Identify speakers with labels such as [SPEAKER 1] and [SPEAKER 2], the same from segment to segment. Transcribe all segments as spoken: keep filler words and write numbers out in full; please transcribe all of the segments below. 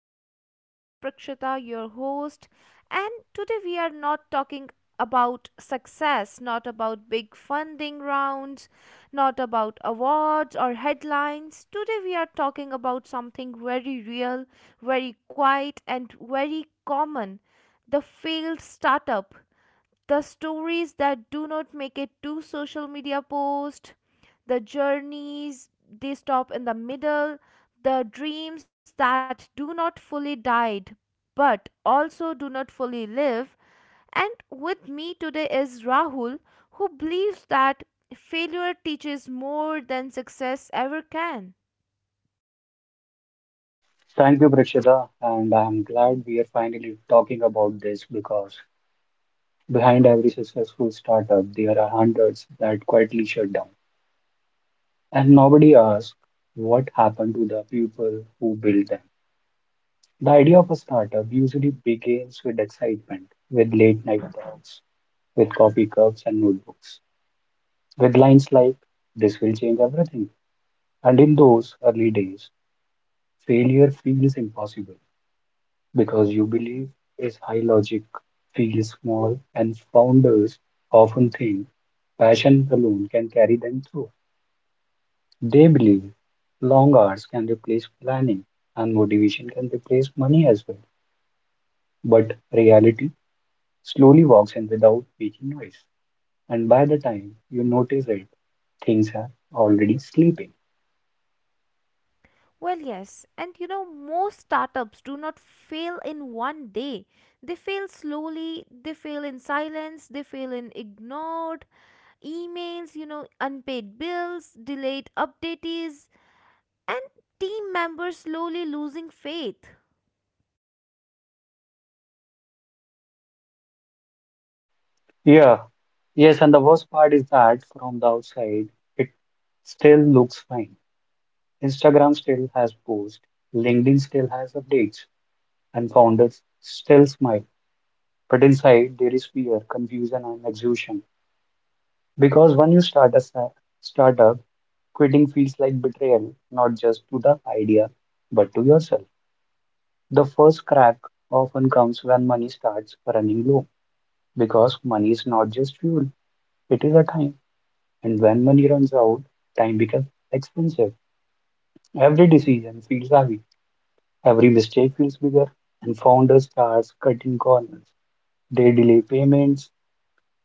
[SPEAKER 1] podcast. This is Prakshita, your host, and today we are not talking about success, not about big funding rounds, not about awards or headlines. Today we are talking about something very real, very quiet, and very common, the failed startup, the stories that do not make it to social media post, the journeys, they stop in the middle, the dreams that do not fully died but also do not fully live. And with me today is rahul, who believes that failure teaches more than success ever can.
[SPEAKER 2] Thank you, Prakshita, and I'm glad we are finally talking about this because behind every successful startup, there are hundreds that quietly shut down, and nobody asks what happened to the people who built them. The idea of a startup usually begins with excitement, with late night talks, with coffee cups and notebooks, with lines like, this will change everything. And in those early days, failure feels impossible, because you believe is high logic, feels small, and founders often think passion alone can carry them through. They believe long hours can replace planning and motivation can replace money as well. But reality slowly walks in without making noise, and by the time you notice it, things are already sleeping.
[SPEAKER 1] Well, yes. And you know, most startups do not fail in one day. They fail slowly, they fail in silence, they fail in ignored emails, you know, unpaid bills, delayed updates, and team members slowly losing faith.
[SPEAKER 2] Yeah, yes, and the worst part is that from the outside, it still looks fine. Instagram still has posts, LinkedIn still has updates, and founders still smile. But inside, there is fear, confusion, and exhaustion. Because when you start a sa- startup, quitting feels like betrayal, not just to the idea, but to yourself. The first crack often comes when money starts running low, because money is not just fuel, it is a time. And when money runs out, time becomes expensive. Every decision feels heavy. Every mistake feels bigger, and founders start cutting corners. They delay payments,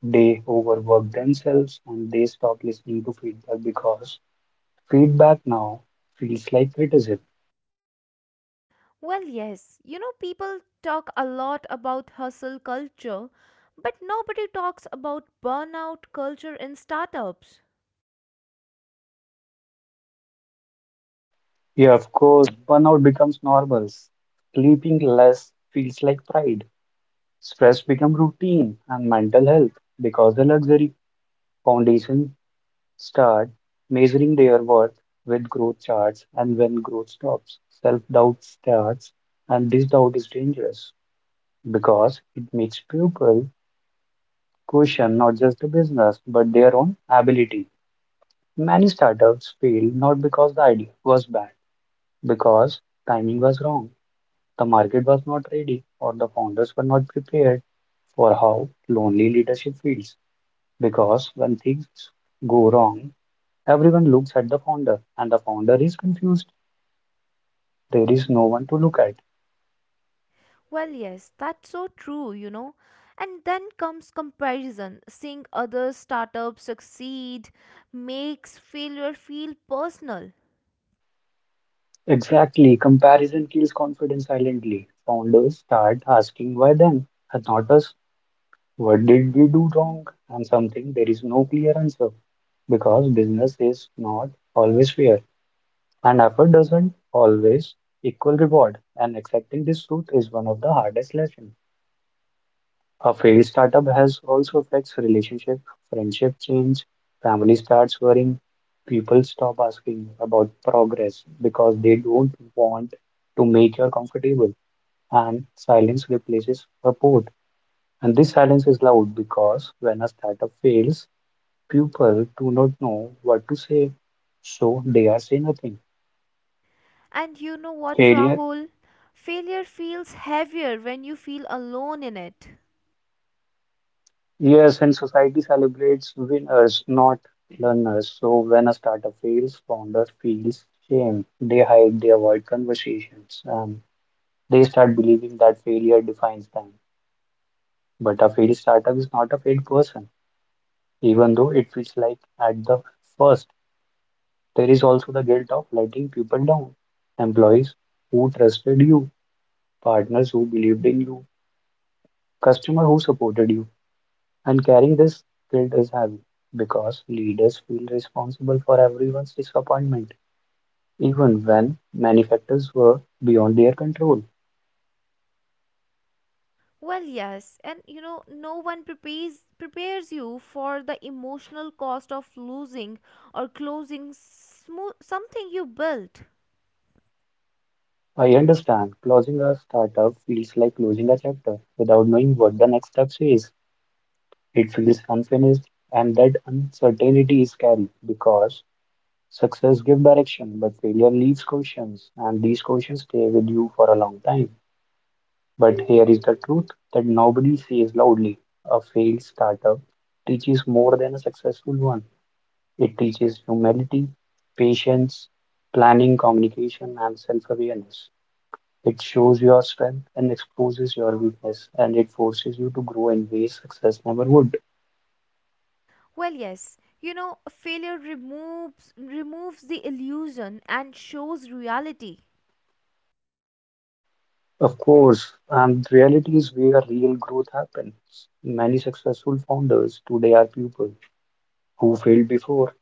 [SPEAKER 2] they overwork themselves, and they stop listening to feedback because feedback now feels like criticism.
[SPEAKER 1] Well, yes. You know, people talk a lot about hustle culture, but nobody talks about burnout culture in startups.
[SPEAKER 2] Yeah, of course, burnout becomes normal. Sleeping less feels like pride. Stress becomes routine, and mental health becomes a luxury. Foundation start measuring their worth with growth charts, and when growth stops, self-doubt starts, and this doubt is dangerous because it makes people question not just the business but their own ability. Many startups failed not because the idea was bad, because timing was wrong, the market was not ready, or the founders were not prepared for how lonely leadership feels. Because when things go wrong, everyone looks at the founder, and the founder is confused. There is no one to look at.
[SPEAKER 1] Well, yes, that's so true, you know. And then comes comparison. Seeing other startups succeed makes failure feel personal.
[SPEAKER 2] Exactly. Comparison kills confidence silently. Founders start asking why them and not us. What did we do wrong? And something there is no clear answer because business is not always fair and effort doesn't always equal reward. And accepting this truth is one of the hardest lessons. A failed startup has also affects relationship, friendship change, family starts worrying, people stop asking about progress because they don't want to make you comfortable, and silence replaces support. And this silence is loud because when a startup fails, people do not know what to say, so they are saying nothing.
[SPEAKER 1] And you know what,
[SPEAKER 2] Failure.
[SPEAKER 1] Rahul? Failure feels heavier when you feel alone in it.
[SPEAKER 2] Yes, and society celebrates winners, not learners. So when a startup fails, founder feels shame. They hide, they avoid conversations, and they start believing that failure defines them. But a failed startup is not a failed person, even though it feels like at the first. There is also the guilt of letting people down. Employees who trusted you, partners who believed in you, customer who supported you. And carrying this guilt is heavy because leaders feel responsible for everyone's disappointment, even when many factors were beyond their control.
[SPEAKER 1] Well, yes, and you know, no one prepares prepares you for the emotional cost of losing or closing smo- something you built.
[SPEAKER 2] I understand closing a startup feels like closing a chapter without knowing what the next step is. It feels unfinished, and that uncertainty is scary because success gives direction, but failure leaves questions, and these questions stay with you for a long time. But here is the truth that nobody says loudly. A failed startup teaches more than a successful one. It teaches humility, patience, planning, communication, and self awareness. It shows your strength and exposes your weakness, and it forces you to grow in ways success never would.
[SPEAKER 1] Well, yes. You know, failure removes removes the illusion and shows reality.
[SPEAKER 2] Of course, and reality is where real growth happens. Many successful founders today are people who failed before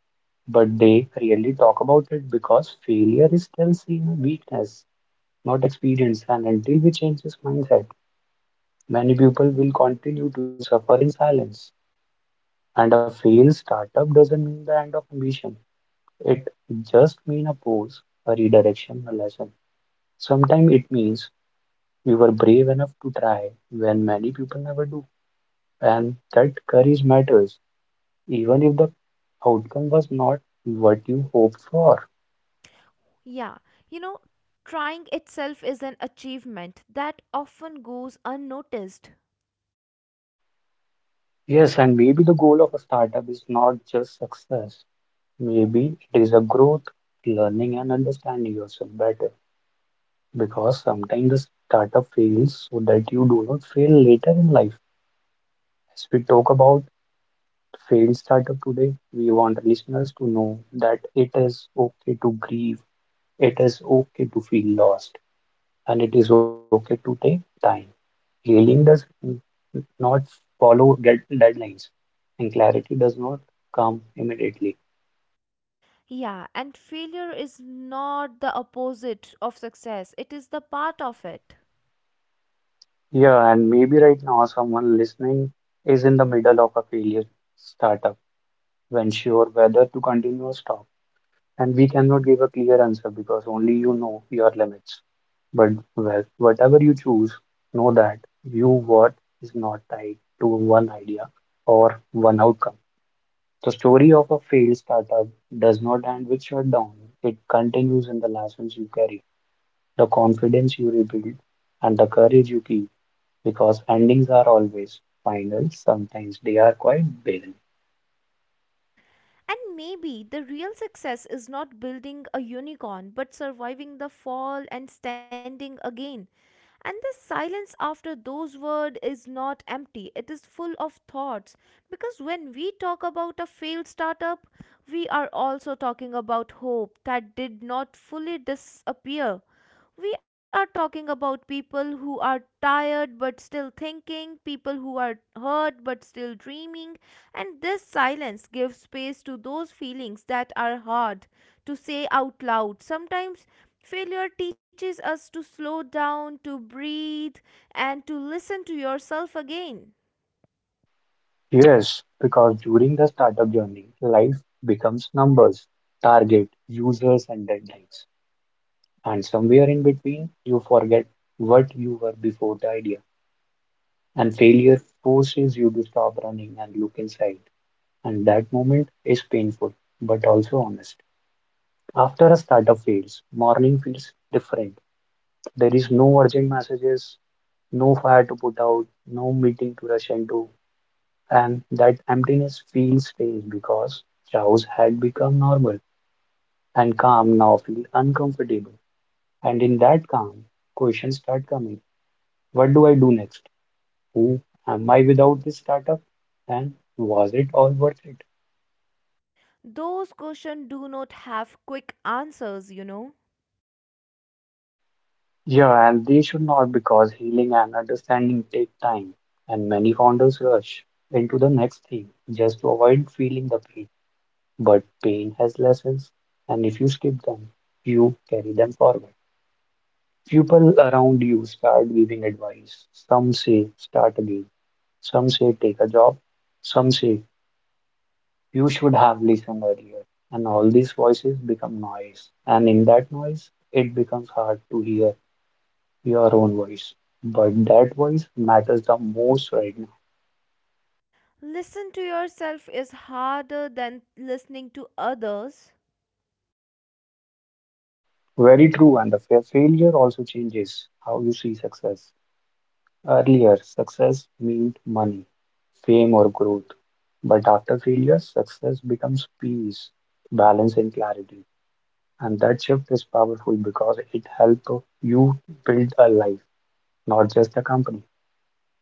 [SPEAKER 2] but they rarely talk about it because failure is still seen weakness, not experience. And until we change this mindset, many people will continue to suffer in silence. And a failed startup doesn't mean the end of ambition. It just means a pause, a redirection, a lesson. Sometimes it means we were brave enough to try when many people never do. And that courage matters, even if the outcome was not what you hoped for.
[SPEAKER 1] Yeah. You know, Trying itself is an achievement that often goes unnoticed.
[SPEAKER 2] Yes, and maybe the goal of a startup is not just success. Maybe it is a growth, learning, and understanding yourself better. Because sometimes the startup fails so that you do not fail later in life. As we talk about failed startup today, we want listeners to know that it is okay to grieve, it is okay to feel lost, and it is okay to take time. Healing does n- not follow dead- deadlines, and clarity does not come immediately.
[SPEAKER 1] Yeah, and failure is not the opposite of success. It is the part of it.
[SPEAKER 2] Yeah, and maybe right now someone listening is in the middle of a failure startup, when sure whether to continue or stop. And we cannot give a clear answer because only you know your limits. But well, whatever you choose, know that you worth is not tied to one idea or one outcome. The story of a failed startup does not end with shutdown. It continues in the lessons you carry, the confidence you rebuild, and the courage you keep because endings are always final, sometimes they are quite barren.
[SPEAKER 1] And maybe the real success is not building a unicorn, but surviving the fall and standing again. And the silence after those words is not empty, it is full of thoughts. Because when we talk about a failed startup, we are also talking about hope that did not fully disappear, we are talking about people who are tired but still thinking, people who are hurt but still dreaming, and this silence gives space to those feelings that are hard to say out loud. Sometimes failure teaches us to slow down, to breathe, and to listen to yourself again.
[SPEAKER 2] Yes, because during the startup journey, life becomes numbers, target, users, and deadlines. And somewhere in between, you forget what you were before the idea. And failure forces you to stop running and look inside. And that moment is painful, but also honest. After a startup fails, morning feels different. There is no urgent messages, no fire to put out, no meeting to rush into, and that emptiness feels strange because chaos had become normal and calm now feels uncomfortable. And in that calm, questions start coming. What do I do next? Who am I without this startup? And was it all worth it?
[SPEAKER 1] Those questions do not have quick answers, you know.
[SPEAKER 2] Yeah, and they should not because healing and understanding take time, and many founders rush into the next thing just to avoid feeling the pain. But pain has lessons, and if you skip them, you carry them forward. People around you start giving advice. Some say, start again. Some say, take a job. Some say, you should have listened earlier. And all these voices become noise. And in that noise, it becomes hard to hear your own voice. But that voice matters the most right now.
[SPEAKER 1] Listen to yourself is harder than listening to others.
[SPEAKER 2] Very true, and the fa- failure also changes how you see success. Earlier, success meant money, fame, or growth. But after failure, success becomes peace, balance, and clarity. And that shift is powerful because it helps you build a life, not just a company.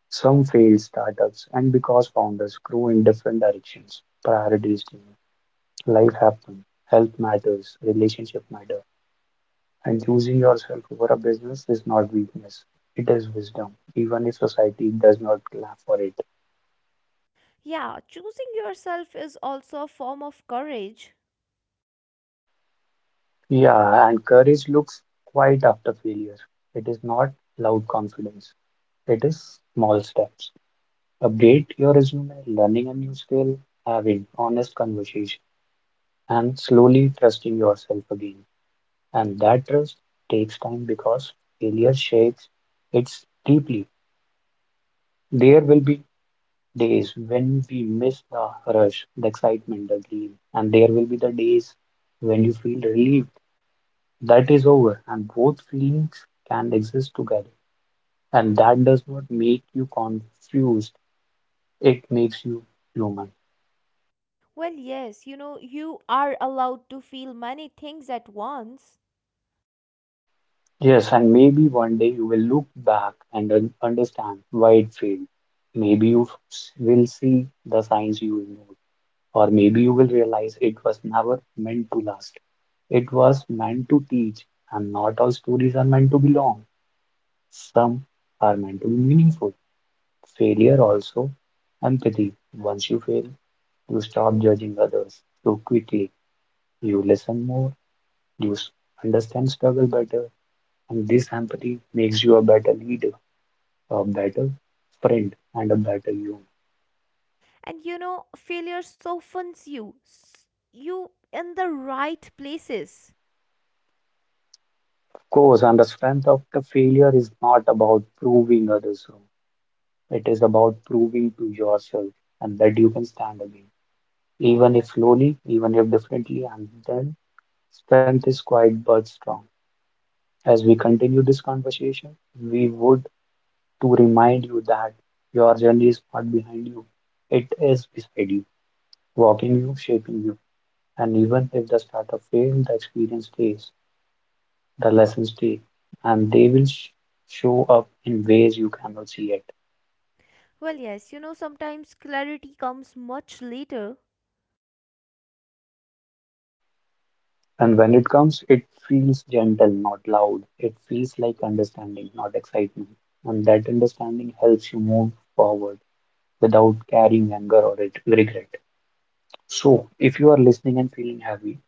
[SPEAKER 2] Some failed startups, and because founders grow in different directions, priorities change, life happens, health matters, relationship matter, and choosing yourself over a business is not weakness. It is wisdom, even if society does not clap for it.
[SPEAKER 1] Yeah, choosing yourself is also a form of courage.
[SPEAKER 2] Yeah, and courage looks quiet after failure. It is not loud confidence. It is small steps. Update your resume, learning a new skill, having honest conversation, and slowly trusting yourself again. And that trust takes time because failure shakes it deeply. There will be days when we miss the rush, the excitement, the dream, and there will be the days when you feel relieved that is over, and both feelings can exist together. And that does not make you confused, it makes you human.
[SPEAKER 1] Well, yes, you know, you are allowed to feel many things at once.
[SPEAKER 2] Yes, and maybe one day you will look back and un- understand why it failed. Maybe you s- will see the signs you ignored, or maybe you will realize it was never meant to last. It was meant to teach, and not all stories are meant to be long. Some are meant to be meaningful. Failure also empathy. Once you fail, you stop judging others so quickly. You listen more, you understand struggle better, and this empathy makes you a better leader, a better friend, and a better human.
[SPEAKER 1] And you know, failure softens you, s- you in the right places.
[SPEAKER 2] Of course, and the strength of the failure is not about proving others wrong. It is about proving to yourself and that you can stand again, even if slowly, even if differently, and then strength is quiet but strong. As we continue this conversation, we would to remind you that your journey is not behind you, it is beside you, walking you, shaping you. And even if the startup failed, the experience stays, the lessons stay, and they will sh- show up in ways you cannot see it.
[SPEAKER 1] Well, yes, you know, sometimes clarity comes much later.
[SPEAKER 2] And when it comes, it feels gentle, not loud. It feels like understanding, not excitement. And that understanding helps you move forward without carrying anger or it- regret. So, if you are listening and feeling heavy,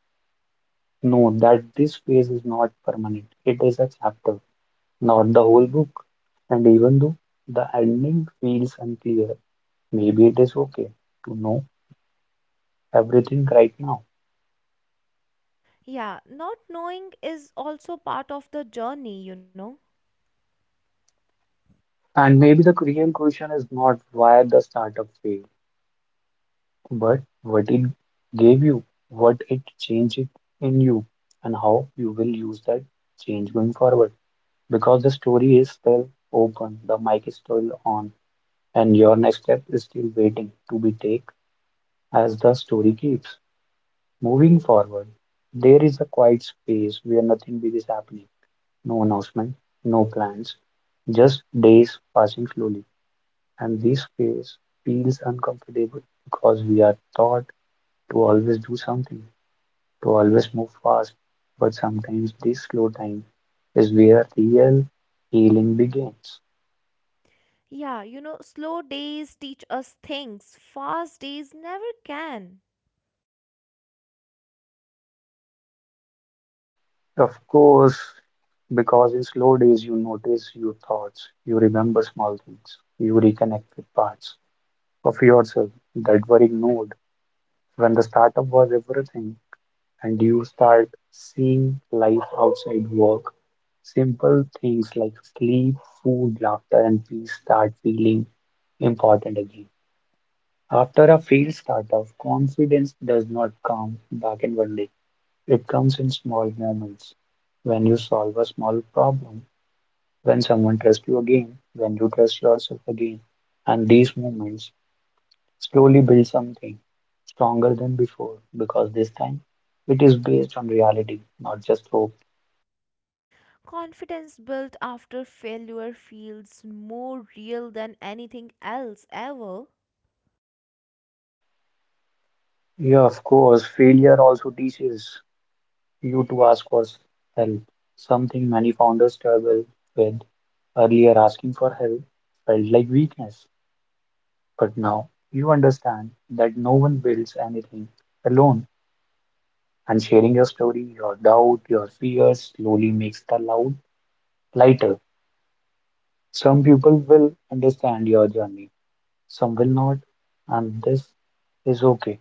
[SPEAKER 2] know that this phase is not permanent, it is a chapter, not the whole book. And even though the ending feels unclear, maybe it is okay to know everything right now.
[SPEAKER 1] Yeah, not knowing is also part of the journey, you know.
[SPEAKER 2] And maybe the real question is not why the startup failed, but what it gave you, what it changed in you, and how you will use that change going forward. Because the story is still open, the mic is still on, and your next step is still waiting to be taken. As the story keeps moving forward, there is a quiet space where nothing big is happening. No announcement, no plans, just days passing slowly. And this space feels uncomfortable because we are taught to always do something, to always move fast. But sometimes this slow time is where real healing begins.
[SPEAKER 1] Yeah, you know, slow days teach us things, fast days never can.
[SPEAKER 2] Of course, because in slow days, you notice your thoughts, you remember small things, you reconnect with parts of yourself that worrying node when the startup was everything and you start seeing life outside work, simple things like sleep, food, laughter and peace start feeling important again. After a failed startup, confidence does not come back in one day. It comes in small moments, when you solve a small problem, when someone trusts you again, when you trust yourself again, and these moments slowly build something stronger than before, because this time it is based on reality, not just hope.
[SPEAKER 1] Confidence built after failure feels more real than anything else ever.
[SPEAKER 2] Yeah, of course, failure also teaches you to ask for help, something many founders struggle with. Earlier, asking for help felt like weakness, but now you understand that no one builds anything alone, and sharing your story, your doubt, your fears slowly makes the load lighter. Some people will understand your journey, some will not, and this is okay.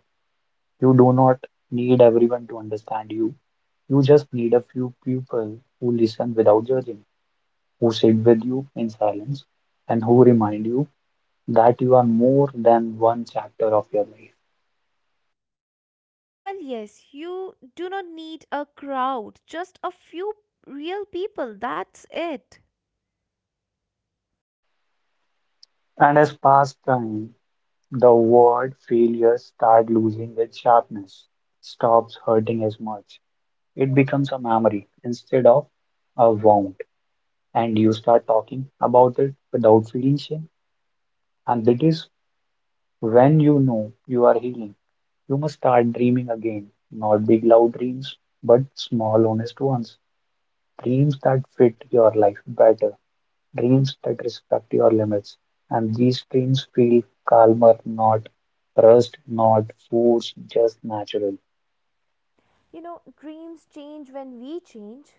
[SPEAKER 2] You do not need everyone to understand you. You just need a few people who listen without judging, who sit with you in silence, and who remind you that you are more than one chapter of your life.
[SPEAKER 1] Well, yes, you do not need a crowd, just a few real people, that's it.
[SPEAKER 2] And as past time, the word failure start losing its sharpness, stops hurting as much. It becomes a memory instead of a wound, and you start talking about it without feeling shame. And that is when you know you are healing. You must start dreaming again. Not big, loud dreams, but small, honest ones. Dreams that fit your life better. Dreams that respect your limits. And these dreams feel calmer, not rushed, not forced, just natural.
[SPEAKER 1] You know, dreams change when we change.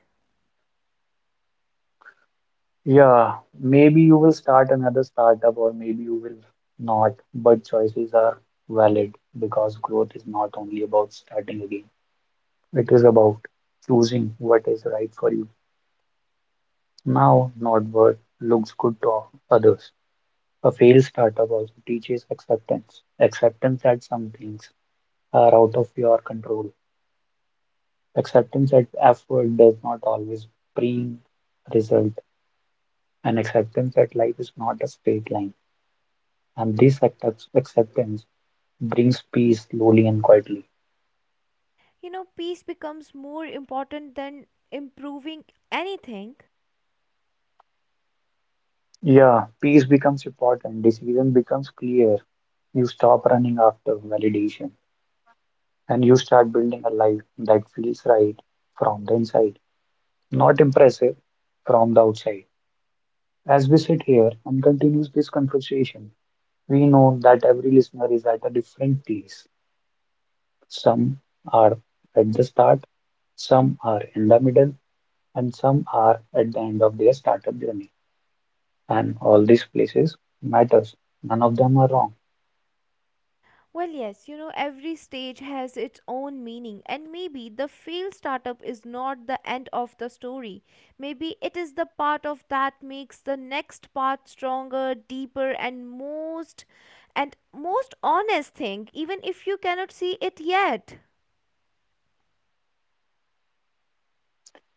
[SPEAKER 2] Yeah, maybe you will start another startup or maybe you will not, but choices are valid because growth is not only about starting again. It is about choosing what is right for you now, not what looks good to others. A failed startup also teaches acceptance, acceptance that some things are out of your control, acceptance that effort does not always bring result, and acceptance that life is not a straight line. And this accept- acceptance brings peace slowly and quietly.
[SPEAKER 1] You know, peace becomes more important than improving anything.
[SPEAKER 2] Yeah, peace becomes important, decision becomes clear. You stop running after validation and you start building a life that feels right from the inside, not impressive from the outside. As we sit here and continue this conversation, we know that every listener is at a different place. Some are at the start, some are in the middle, and some are at the end of their startup journey. And all these places matters. None of them are wrong.
[SPEAKER 1] Well, yes, you know, every stage has its own meaning, and maybe the failed startup is not the end of the story. Maybe it is the part of that makes the next part stronger, deeper, and most and most honest thing, even if you cannot see it yet.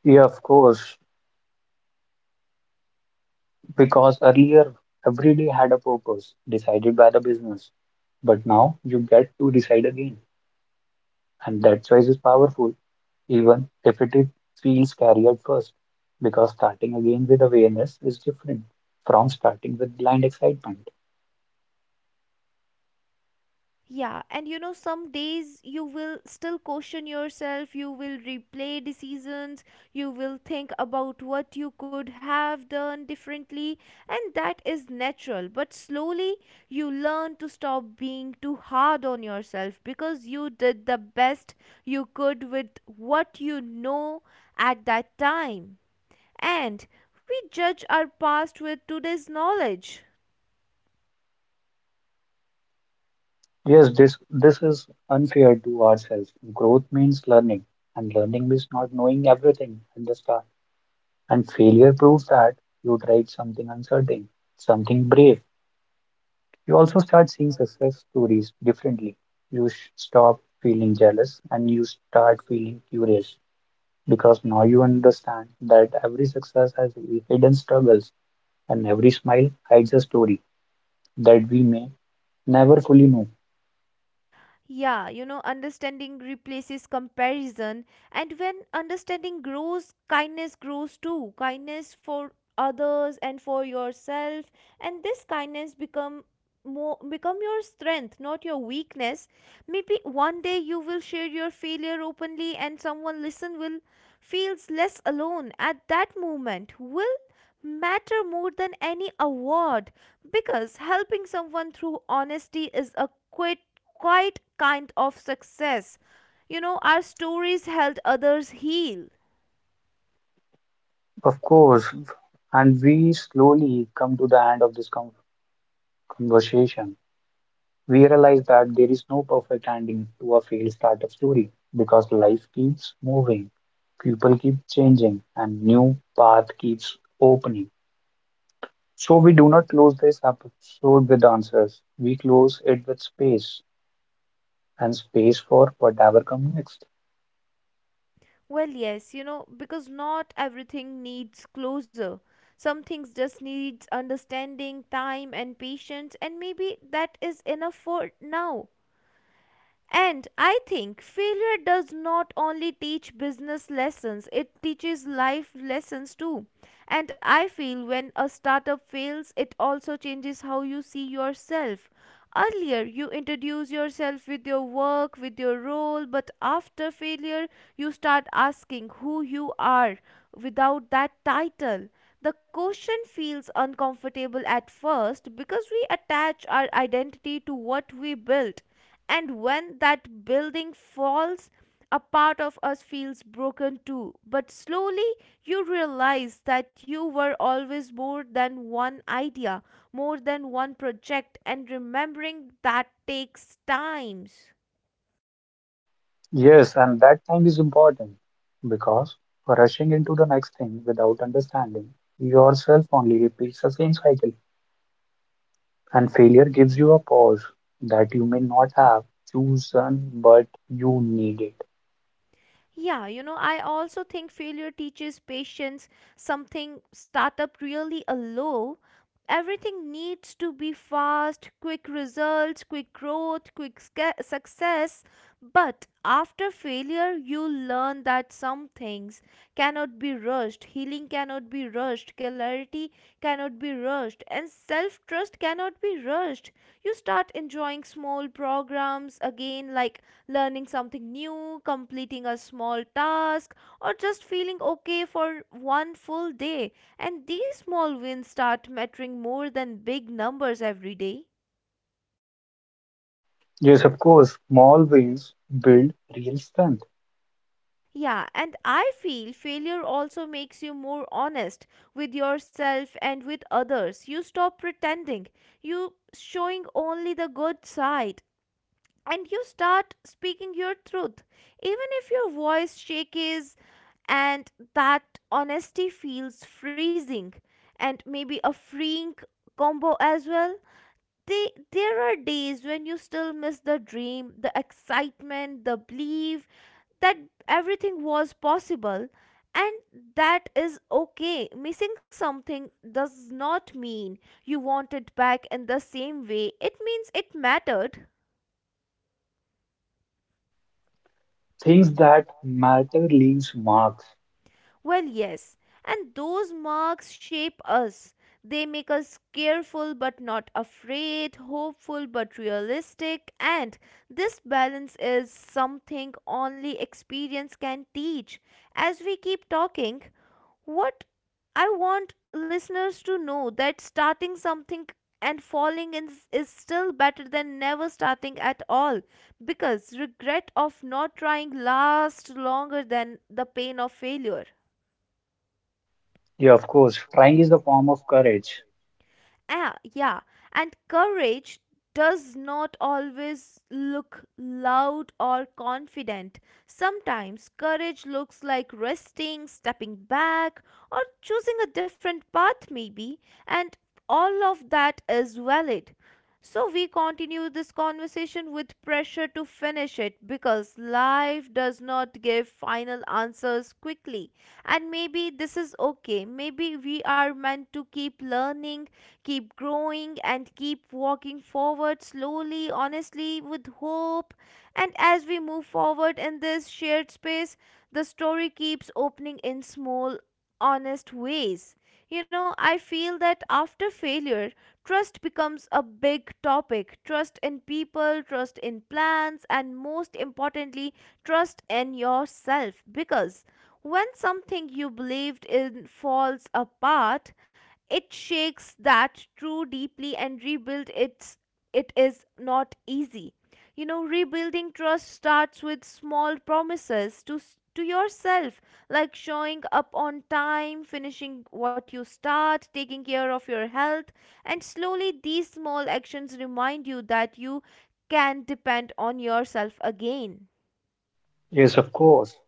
[SPEAKER 2] Yeah, of course. Because earlier, every day had a purpose decided by the business. But now you get to decide again. And that choice is powerful, even if it is, feels scary at first. Because starting again with awareness is different from starting with blind excitement.
[SPEAKER 1] Yeah, and you know, some days you will still question yourself, you will replay decisions, you will think about what you could have done differently, and that is natural. But slowly you learn to stop being too hard on yourself because you did the best you could with what you know at that time. And we judge our past with today's knowledge.
[SPEAKER 2] Yes, this, this is unfair to ourselves. Growth means learning, and learning means not knowing everything at the start. And failure proves that you tried something uncertain, something brave. You also start seeing success stories differently. You sh- stop feeling jealous and you start feeling curious because now you understand that every success has hidden struggles and every smile hides a story that we may never fully know.
[SPEAKER 1] Yeah, you know, understanding replaces comparison, and when understanding grows, kindness grows too. Kindness for others and for yourself, and this kindness become more become your strength, not your weakness. Maybe one day you will share your failure openly, and someone listen will feels less alone at that moment will matter more than any award because helping someone through honesty is a quite, quite kind of success. You know, our stories helped others heal.
[SPEAKER 2] Of course, and we slowly come to the end of this con- conversation. We realize that there is no perfect ending to a failed startup story because life keeps moving, people keep changing, and new path keeps opening. So we do not close this episode with answers. We close it with space, and space for whatever comes next.
[SPEAKER 1] Well, yes, you know, because not everything needs closure. Some things just needs understanding, time and patience, and maybe that is enough for now. And I think failure does not only teach business lessons, it teaches life lessons too. And I feel when a startup fails, it also changes how you see yourself. Earlier, you introduce yourself with your work, with your role, but after failure, you start asking who you are without that title. The question feels uncomfortable at first because we attach our identity to what we built, and when that building falls, a part of us feels broken too. But slowly you realize that you were always more than one idea, more than one project, and remembering that takes times.
[SPEAKER 2] Yes, and that time is important because rushing into the next thing without understanding yourself only repeats the same cycle. And failure gives you a pause that you may not have chosen, but you need it.
[SPEAKER 1] Yeah, you know, I also think failure teaches patience, something startup really allow. Everything needs to be fast, quick results, quick growth, quick sca- success. But after failure, you learn that some things cannot be rushed, healing cannot be rushed, clarity cannot be rushed, and self trust cannot be rushed. You start enjoying small programs again, like learning something new, completing a small task, or just feeling okay for one full day. And these small wins start mattering more than big numbers every day.
[SPEAKER 2] Yes, of course, small wins build real strength.
[SPEAKER 1] Yeah, and I feel failure also makes you more honest with yourself and with others. You stop pretending, you showing only the good side, and you start speaking your truth, even if your voice shakes, and that honesty feels freezing, and maybe a freeing combo as well. They there are days when you still miss the dream, the excitement, the belief that everything was possible, and that is okay. Missing something does not mean you want it back in the same way. It means it mattered.
[SPEAKER 2] Things that matter leaves marks.
[SPEAKER 1] Well, yes, and those marks shape us. They make us careful but not afraid, hopeful but realistic, and this balance is something only experience can teach. As we keep talking, what I want listeners to know that starting something and falling in is still better than never starting at all, because regret of not trying lasts longer than the pain of failure.
[SPEAKER 2] Yeah, of course, trying is a form of courage.
[SPEAKER 1] Ah, yeah, and courage does not always look loud or confident. Sometimes courage looks like resting, stepping back, or choosing a different path, maybe, and all of that is valid. So, we continue this conversation with pressure to finish it because life does not give final answers quickly. And maybe this is okay. Maybe we are meant to keep learning, keep growing, and keep walking forward slowly, honestly, with hope. And as we move forward in this shared space, the story keeps opening in small, honest ways. You know, I feel that after failure, trust becomes a big topic. Trust in people, trust in plans, and most importantly, trust in yourself. Because when something you believed in falls apart, it shakes that true deeply, and rebuild it's it is not easy. You know rebuilding trust starts with small promises to s- to yourself, like showing up on time, finishing what you start, taking care of your health, and slowly these small actions remind you that you can depend on yourself again.
[SPEAKER 2] Yes, of course,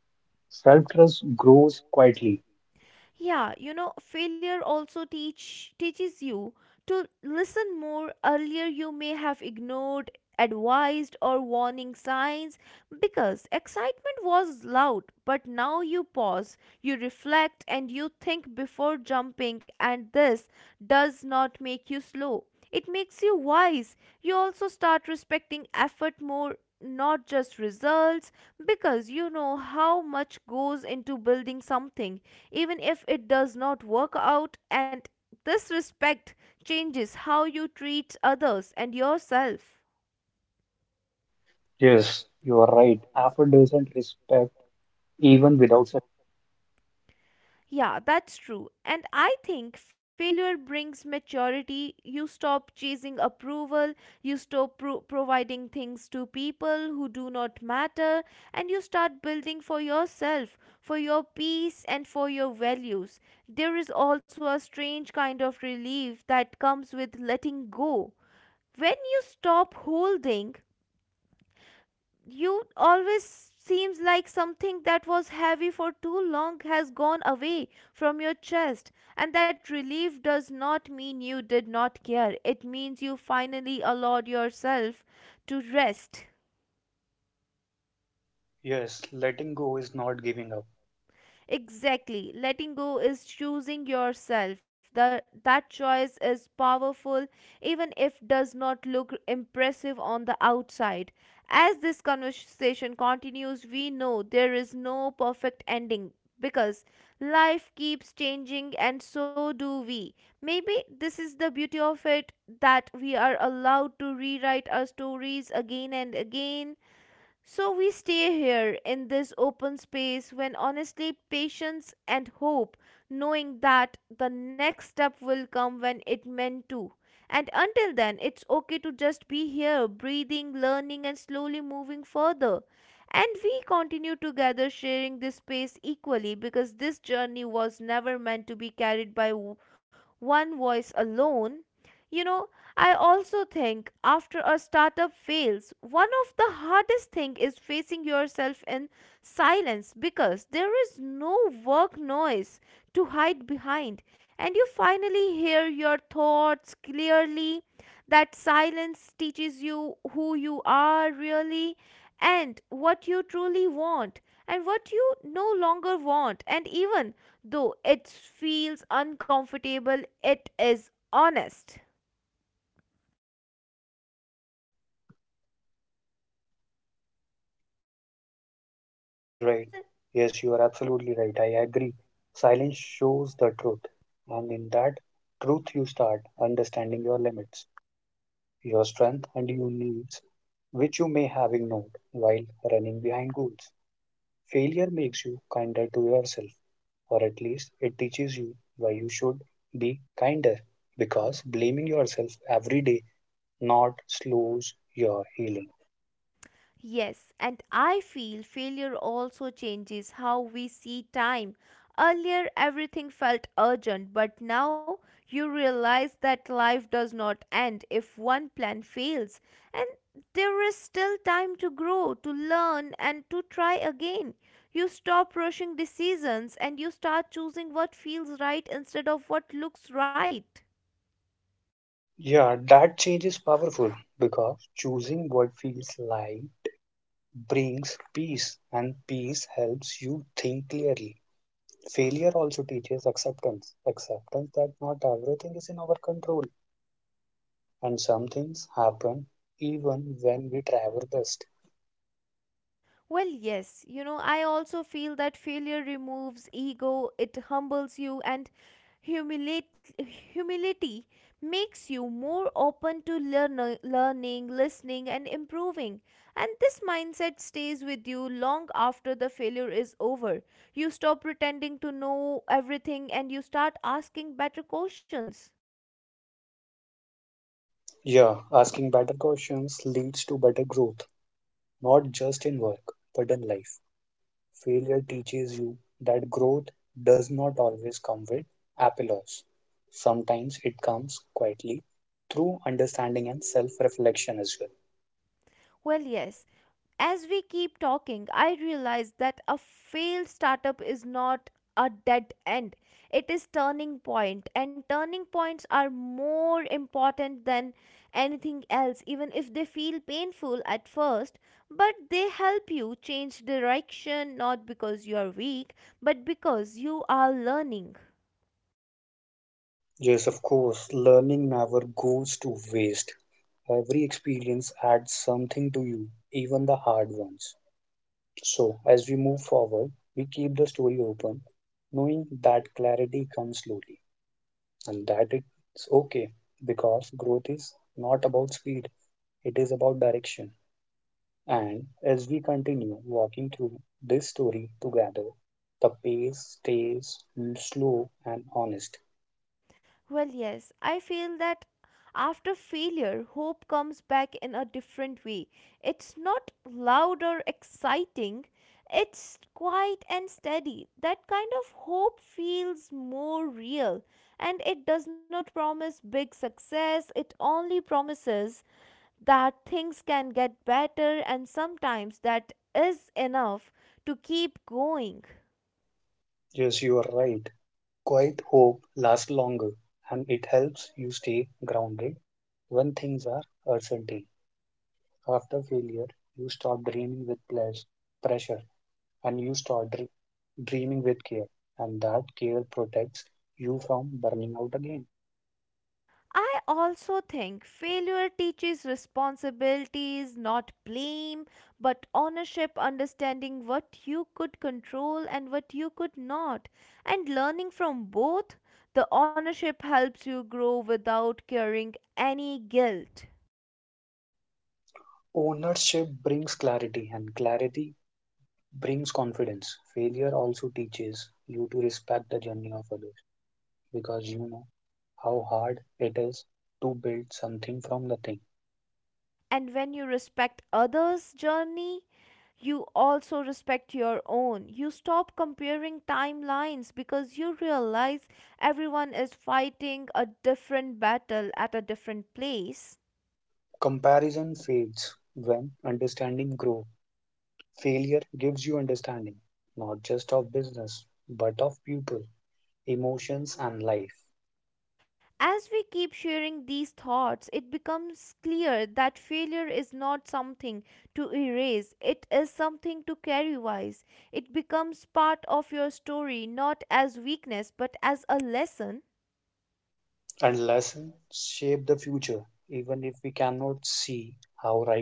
[SPEAKER 2] self-trust grows quietly.
[SPEAKER 1] Yeah, you know, failure also teach teaches you to listen more. Earlier you may have ignored advised or warning signs because excitement was loud, but now you pause, you reflect and you think before jumping, and this does not make you slow. It makes you wise. You also start respecting effort more, not just results, because you know how much goes into building something, even if it does not work out. And this respect changes how you treat others and yourself.
[SPEAKER 2] Yes, you are right. Effort doesn't respect even without success.
[SPEAKER 1] Yeah, that's true. And I think failure brings maturity. You stop chasing approval, you stop pro- providing things to people who do not matter, and you start building for yourself, for your peace, and for your values. There is also a strange kind of relief that comes with letting go. When you stop holding, you always seems like something that was heavy for too long has gone away from your chest, and that relief does not mean you did not care, it means you finally allowed yourself to rest.
[SPEAKER 2] Yes, letting go is not giving up.
[SPEAKER 1] Exactly. Letting go is choosing yourself. The, that choice is powerful even if does not look impressive on the outside. As this conversation continues, we know there is no perfect ending because life keeps changing and so do we. Maybe this is the beauty of it, that we are allowed to rewrite our stories again and again, so we stay here in this open space when honestly patience and hope, knowing that the next step will come when it meant to. And until then, it's okay to just be here, breathing, learning, and slowly moving further. And we continue together sharing this space equally because this journey was never meant to be carried by w- one voice alone. You know, I also think after a startup fails, one of the hardest thing is facing yourself in silence because there is no work noise to hide behind and you finally hear your thoughts clearly. That silence teaches you who you are really and what you truly want and what you no longer want, and even though it feels uncomfortable, it is honest.
[SPEAKER 2] Absolutely right.
[SPEAKER 1] Well,
[SPEAKER 2] Yes, you are absolutely right. I agree. Silence shows the truth, and in that truth, you start understanding your limits, your strength, and your needs, which you may have ignored while running behind goals. Failure makes you kinder to yourself, or at least it teaches you why you should be kinder, because blaming yourself every day not slows your healing.
[SPEAKER 1] yes, and I feel failure also changes how we see time. Earlier, everything felt urgent, but now you realize that life does not end if one plan fails, and there is still time to grow, to learn, and to try again. You stop rushing decisions and you start choosing what feels right instead of what looks right.
[SPEAKER 2] Yeah, that change is powerful because choosing what feels like brings peace, and peace helps you think clearly. Failure also teaches acceptance, acceptance that not everything is in our control, and some things happen even when we try our best.
[SPEAKER 1] Well, yes, you know, I also feel that failure removes ego, it humbles you, and humilate, humility makes you more open to learn, learning, listening, and improving. And this mindset stays with you long after the failure is over. You stop pretending to know everything and you start asking better questions.
[SPEAKER 2] Yeah, asking better questions leads to better growth, not just in work, but in life. Failure teaches you that growth does not always come with applause. Sometimes it comes quietly through understanding and self reflection as well.
[SPEAKER 1] Well, yes, as we keep talking, I realize that a failed startup is not a dead end. It is turning point, and turning points are more important than anything else, even if they feel painful at first. But they help you change direction not because you are weak, but because you are learning.
[SPEAKER 2] Yes, of course, learning never goes to waste. Every experience adds something to you, even the hard ones. So, as we move forward, we keep the story open, knowing that clarity comes slowly and that it's okay, because growth is not about speed, it is about direction. And as we continue walking through this story together, the pace stays slow and honest.
[SPEAKER 1] Well, yes, I feel that after failure, hope comes back in a different way. It's not loud or exciting, it's quiet and steady. That kind of hope feels more real and it does not promise big success, it only promises that things can get better, and sometimes that is enough to keep going.
[SPEAKER 2] Yes, you are right. Quiet hope lasts longer and it helps you stay grounded when things are uncertain. After failure, you stop dreaming with ples- pressure and you start dr- dreaming with care, and that care protects you from burning out again.
[SPEAKER 1] I also think failure teaches responsibilities, not blame, but ownership, understanding what you could control and what you could not, and learning from both. The ownership helps you grow without carrying any guilt.
[SPEAKER 2] Ownership brings clarity, and clarity brings confidence. Failure also teaches you to respect the journey of others because you know how hard it is to build something from nothing.
[SPEAKER 1] And when you respect others' journey, you also respect your own. You stop comparing timelines because you realize everyone is fighting a different battle at a different place.
[SPEAKER 2] Comparison fades when understanding grows. Failure gives you understanding, not just of business, but of people, emotions, and life.
[SPEAKER 1] As we keep sharing these thoughts, it becomes clear that failure is not something to erase, it is something to carry wise. It becomes part of your story, not as weakness but as a lesson.
[SPEAKER 2] And lessons shape the future, even if we cannot see how right now.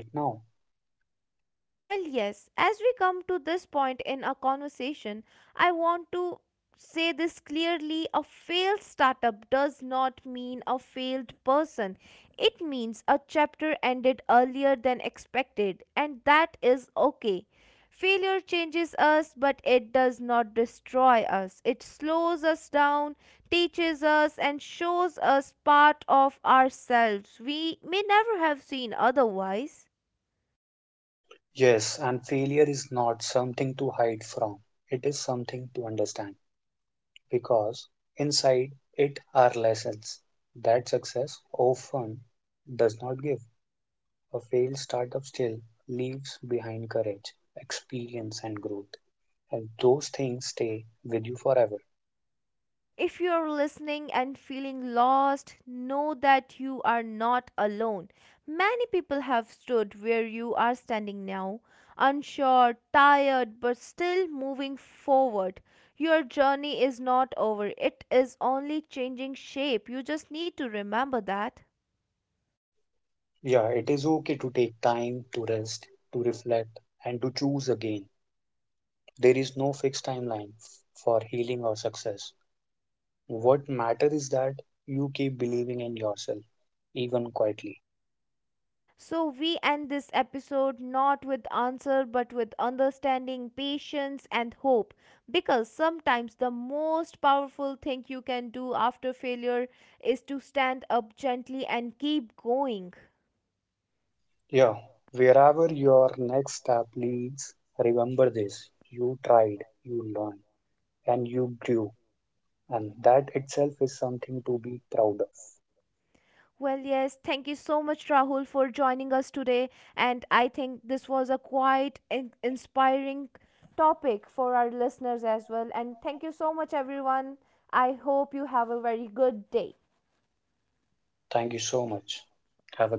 [SPEAKER 1] Well, yes, as we come to this point in our conversation, I want to say this clearly: a failed startup does not mean a failed person. It means a chapter ended earlier than expected, and that is okay. Failure changes us, but it does not destroy us. It slows us down, teaches us, and shows us part of ourselves we may never have seen otherwise.
[SPEAKER 2] Yes, and failure is not something to hide from, it is something to understand, because inside it are lessons that success often does not give. A failed startup still leaves behind courage, experience, and growth, and those things stay with you forever.
[SPEAKER 1] If you're listening and feeling lost, know that you are not alone. Many people have stood where you are standing now, unsure, tired, but still moving forward. Your journey is not over, it is only changing shape. You just need to remember that.
[SPEAKER 2] Yeah, it is okay to take time to rest, to reflect, and to choose again. There is no fixed timeline f- for healing or success. What matters is that you keep believing in yourself, even quietly.
[SPEAKER 1] So we end this episode not with answer but with understanding, patience and hope, because sometimes the most powerful thing you can do after failure is to stand up gently and keep going.
[SPEAKER 2] Yeah, wherever your next step leads, remember this, you tried, you learned, and you grew. And that itself is something to be proud of.
[SPEAKER 1] Well, yes, thank you so much, Rahul, for joining us today. And I think this was a quite in- inspiring topic for our listeners as well. And thank you so much, everyone. I hope you have a very good day.
[SPEAKER 2] Thank you so much. Have a great day.